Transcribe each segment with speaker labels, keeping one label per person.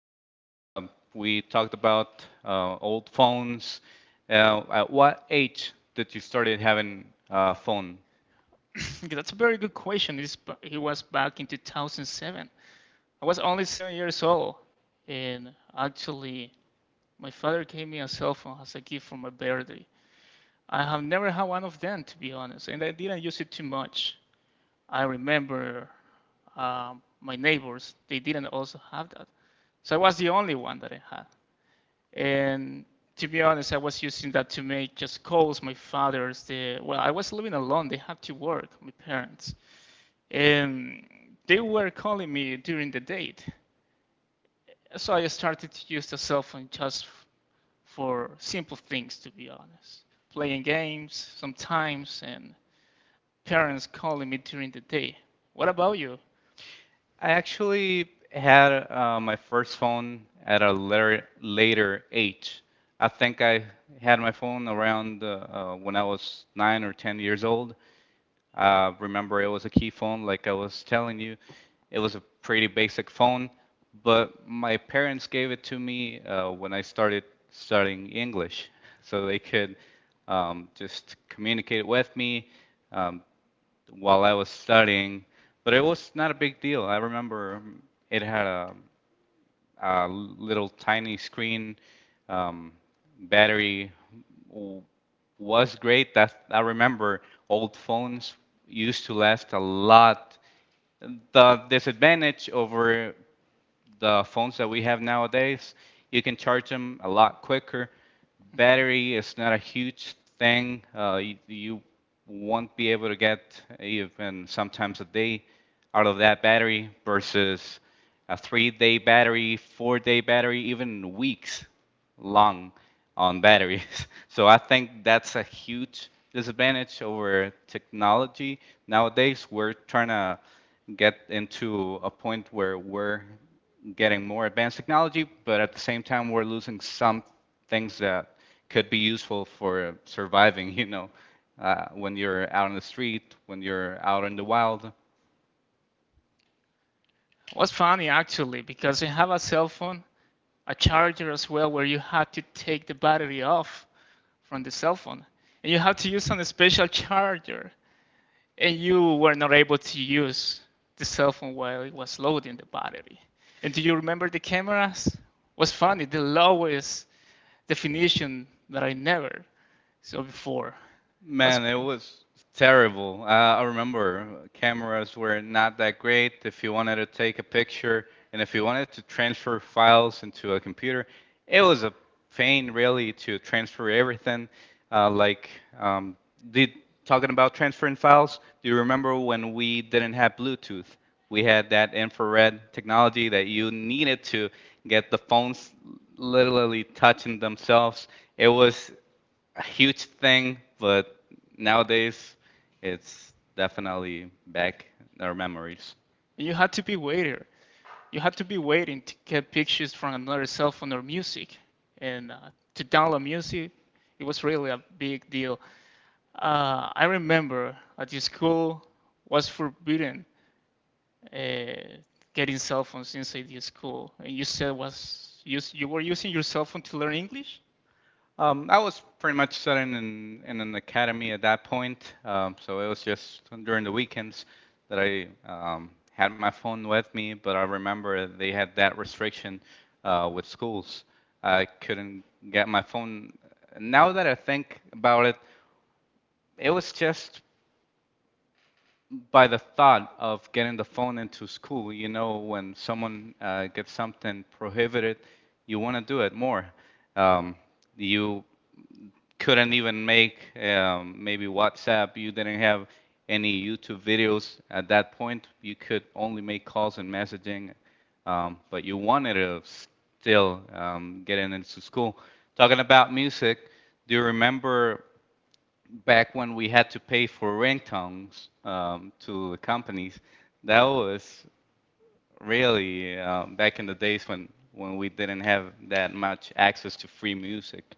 Speaker 1: Carlos, we talked about old phones. At what age did you start having a phone?
Speaker 2: Okay, that's a very good question. It was back in 2007. I was only 7 years old, and actually, my father gave me a cell phone as a gift for my birthday. I have never had one of them, to be honest, and I didn't use it too much. I remember my neighbors, they didn't also have that. So I was the only one that I had. And to be honest, I was using that to make just calls. My father's, the, well, I was living alone. They have to work, my parents. Um, they were calling me during the date, so I started to use the cell phone just for simple things, to be honest. Playing games sometimes, and parents calling me during the day. What about you?
Speaker 1: I actually had my first phone at a later age. I think I had my phone around when I was 9 or 10 years old. Remember, it was a key phone, like I was telling you. It was a pretty basic phone, but my parents gave it to me when I started studying English, so they could just communicate with me um, while I was studying. But it was not a big deal. I remember it had a little tiny screen. Um, battery was great. That I remember, old phones used to last a lot. The disadvantage over the phones that we have nowadays, you can charge them a lot quicker. Battery is not a huge thing. You won't be able to get even sometimes a day out of that battery versus a 3 day battery, 4 day battery, even weeks long on batteries. So I think that's a huge disadvantage over technology. Nowadays, we're trying to get into a point where we're getting more advanced technology, but at the same time, we're losing some things that could be useful for surviving, when you're out on the street, when you're out in the wild.
Speaker 2: What's funny actually, because I have a cell phone, a charger as well, where you had to take the battery off from the cell phone, and you have to use an special charger and you were not able to use the cell phone while it was loading the battery. And do you remember the cameras? Was funny, the lowest definition that I never saw before. Was
Speaker 1: Man, it
Speaker 2: crazy.
Speaker 1: was terrible. I remember cameras were not that great. If you wanted to take a picture and if you wanted to transfer files into a computer, it was a pain really to transfer everything. Uh, like, um, did, Talking about transferring files, do you remember when we didn't have Bluetooth? We had that infrared technology that you needed to get the phones literally touching themselves. It was a huge thing, but nowadays it's definitely back in our memories.
Speaker 2: You had to be waiting. You had to be waiting to get pictures from another cell phone or music, and to download music, it was really a big deal. I remember at the school was forbidden uh, getting cell phones inside the school, and you said was you were using your cell phone to learn English.
Speaker 1: I was pretty much studying in an academy at that point, so it was just during the weekends that I had my phone with me. But I remember they had that restriction with schools. I couldn't get my phone. Now that I think about it, it was just by the thought of getting the phone into school, you know, when someone gets something prohibited, you want to do it more. Um, you couldn't even make maybe WhatsApp. You didn't have any YouTube videos at that point. You could only make calls and messaging, but you wanted to still get in into school. Talking about music, do you remember back when we had to pay for ringtones to the companies? That was really back in the days when we didn't have that much access to free music.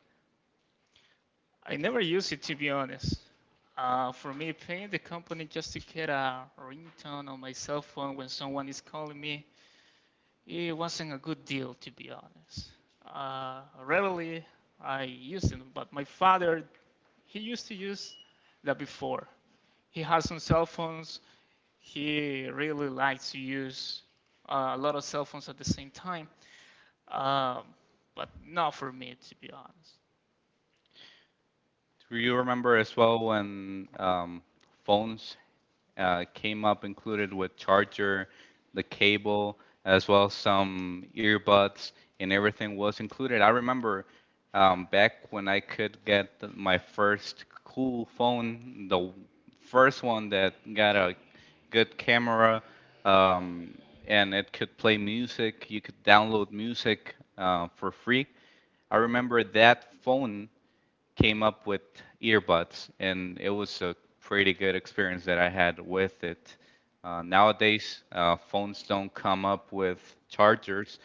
Speaker 2: I never used it to be honest. For me, paying the company just to get a ringtone on my cell phone when someone is calling me, it wasn't a good deal to be honest. Rarely I use them, but my father, he used to use that before. He had some cell phones. He really likes to use a lot of cell phones at the same time, um, but not for me, to be honest.
Speaker 1: Do you remember as well when phones came up included with charger, the cable, as well as some earbuds, and everything was included. I remember back when I could get my first cool phone, the first one that got a good camera, um, and it could play music. You could download music for free. I remember that phone came up with earbuds, and it was a pretty good experience that I had with it. Nowadays, phones don't come up with chargers.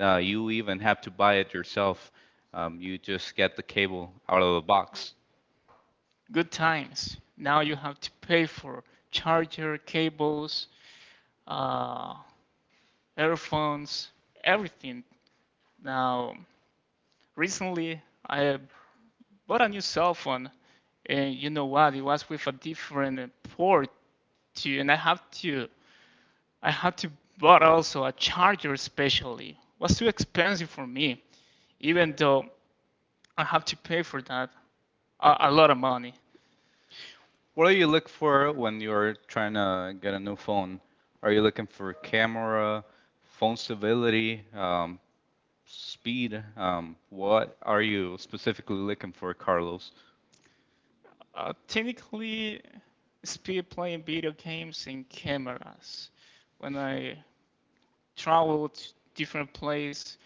Speaker 1: You even have to buy it yourself. You just get the cable out of the box.
Speaker 2: Good times. Now you have to pay for charger, cables, uh, earphones, everything. Now, recently I bought a new cell phone, and you know what? It was with a different port too, and I had to buy also a charger specially. Was too expensive for me. Even though I have to pay for that a lot of money.
Speaker 1: What do you look for when you're trying to get a new phone? Are you looking for camera, phone stability, speed? What are you specifically looking for, Carlos?
Speaker 2: Technically, speed playing video games and cameras. When I travel to different places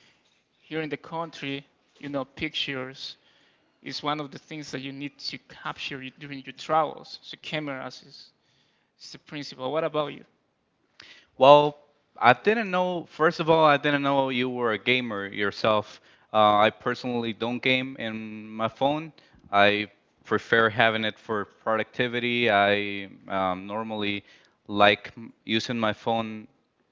Speaker 2: here in the country, you know, pictures is one of the things that you need to capture during your travels. So cameras is the principle. What about you?
Speaker 1: Well, I didn't know. First of all, I didn't know you were a gamer yourself. I personally don't game in my phone. I prefer having it for productivity. I normally like using my phone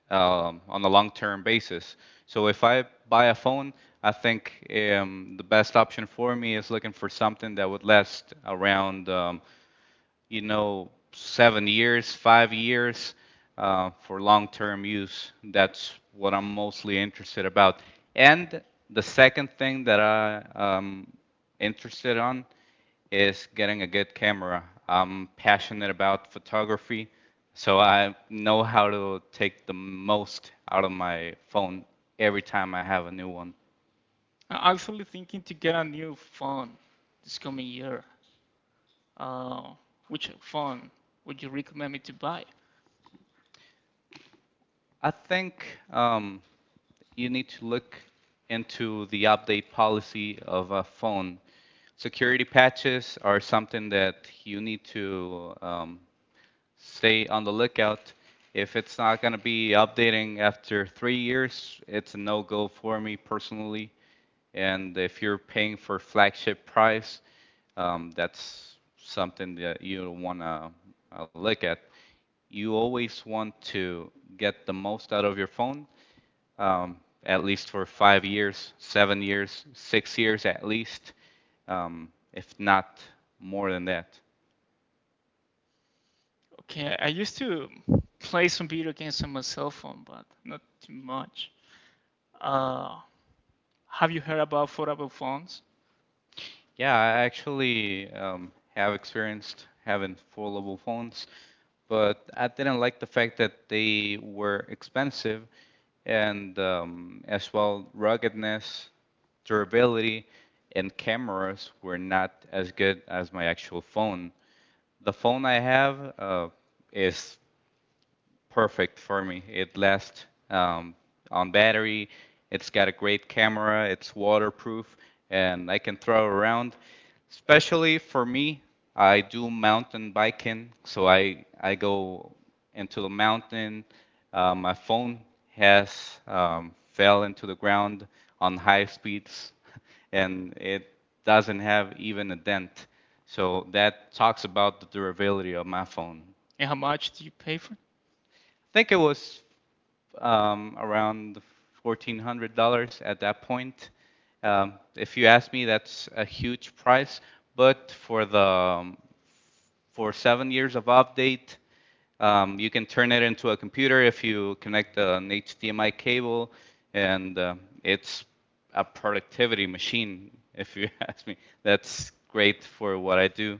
Speaker 1: on a long-term basis. So if I buy a phone, I think the best option for me is looking for something that would last around you know, 7 years, 5 years for long-term use. That's what I'm mostly interested about. And the second thing that I am interested on is getting a good camera. I'm passionate about photography, so I know how to take the most out of my phone every time I have a new one.
Speaker 2: I'm actually thinking to get a new phone this coming year. Uh, which phone would you recommend me to buy?
Speaker 1: I think um, you need to look into the update policy of a phone. Security patches are something that you need to stay on the lookout. If it's not going to be updating after 3 years, it's a no go for me personally. And if you're paying for flagship price, that's something that you want to look at. You always want to get the most out of your phone um, at least for 5 years, 7 years, 6 years at least, if not more than that.
Speaker 2: Okay, I used to play some video games on my cell phone, but not too much. Uh, have you heard about foldable phones
Speaker 1: Yeah, I actually have experienced having foldable phones, but I didn't like the fact that they were expensive and as well ruggedness, durability, and cameras were not as good as my actual phone. The phone I have is perfect for me. It lasts on battery. It's got a great camera. It's waterproof, and I can throw around. Especially for me, I do mountain biking, so I go into the mountain. My phone has fell into the ground on high speeds, and it doesn't have even a dent. So that talks about the durability of my phone. I
Speaker 2: and how much do you pay for?
Speaker 1: think it was around $1,400 at that point. If you ask me, that's a huge price. But for the for 7 years of update, you can turn it into a computer if you connect an HDMI cable, and it's a productivity machine. If you ask me, that's great for what I do.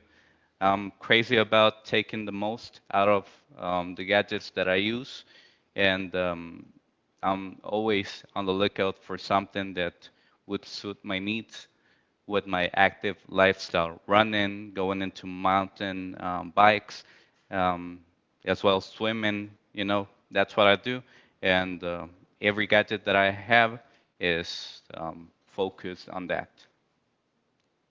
Speaker 1: I'm crazy about taking the most out of the gadgets that I use, and I'm always on the lookout for something that would suit my needs with my active lifestyle, running, going into mountain bikes, um, as well as swimming. You know, that's what I do. And every gadget that I have is focused on that.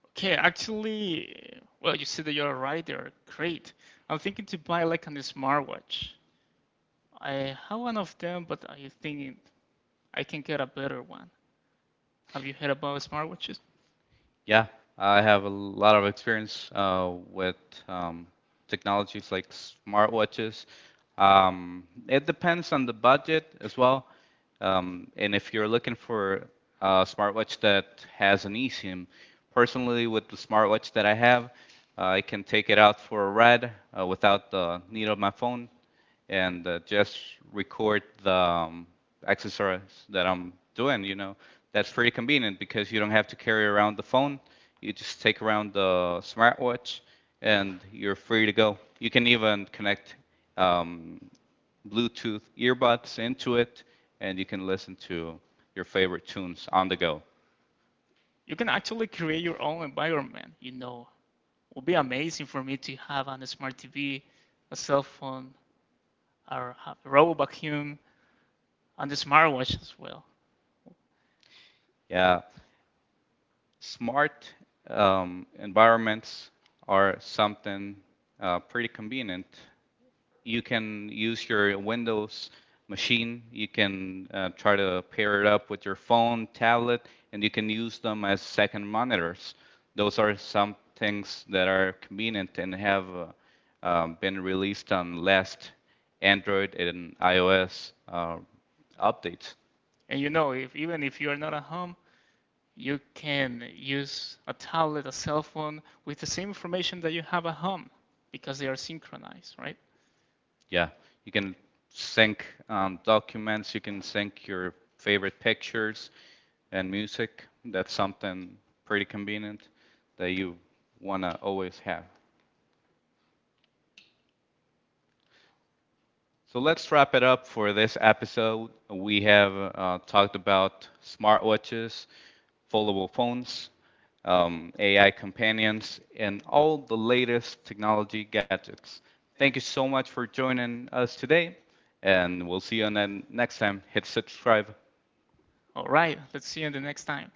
Speaker 2: Okay, actually, well, you said that you're a writer. Great. I'm thinking to buy like a smartwatch. I have one of them, but I think I can get a better one. Have you heard about smartwatches?
Speaker 1: Yeah, I have a lot of experience with um, technologies like smartwatches. It depends on the budget as well. And if you're looking for a smartwatch that has an eSIM, personally, with the smartwatch that I have, I can take it out for a ride without the need of my phone and just record the accessories that I'm doing, you know, that's pretty convenient because you don't have to carry around the phone. You just take around the smartwatch and you're free to go. You can even connect um, Bluetooth earbuds into it and you can listen to your favorite tunes on the go.
Speaker 2: You can actually create your own environment, you know. It would be amazing for me to have on a smart TV, a cell phone, our robot vacuum on the smartwatch as well.
Speaker 1: Yeah, smart environments are something pretty convenient. You can use your Windows machine. You can try to pair it up with your phone, tablet, and you can use them as second monitors. Those are some things that are convenient and have been released on last Android and iOS updates.
Speaker 2: And you know, if even if you are not at home, you can use a tablet, a cell phone with the same information that you have at home because they are synchronized, right?
Speaker 1: Yeah, you can sync documents, you can sync your favorite pictures, and music. That's something pretty convenient that you want to always have. So let's wrap it up for this episode. We have talked about smartwatches, foldable phones, AI companions, and all the latest technology gadgets. Thank you so much for joining us today, and we'll see you on the next time. Hit subscribe.
Speaker 2: All right, let's see you in the next time.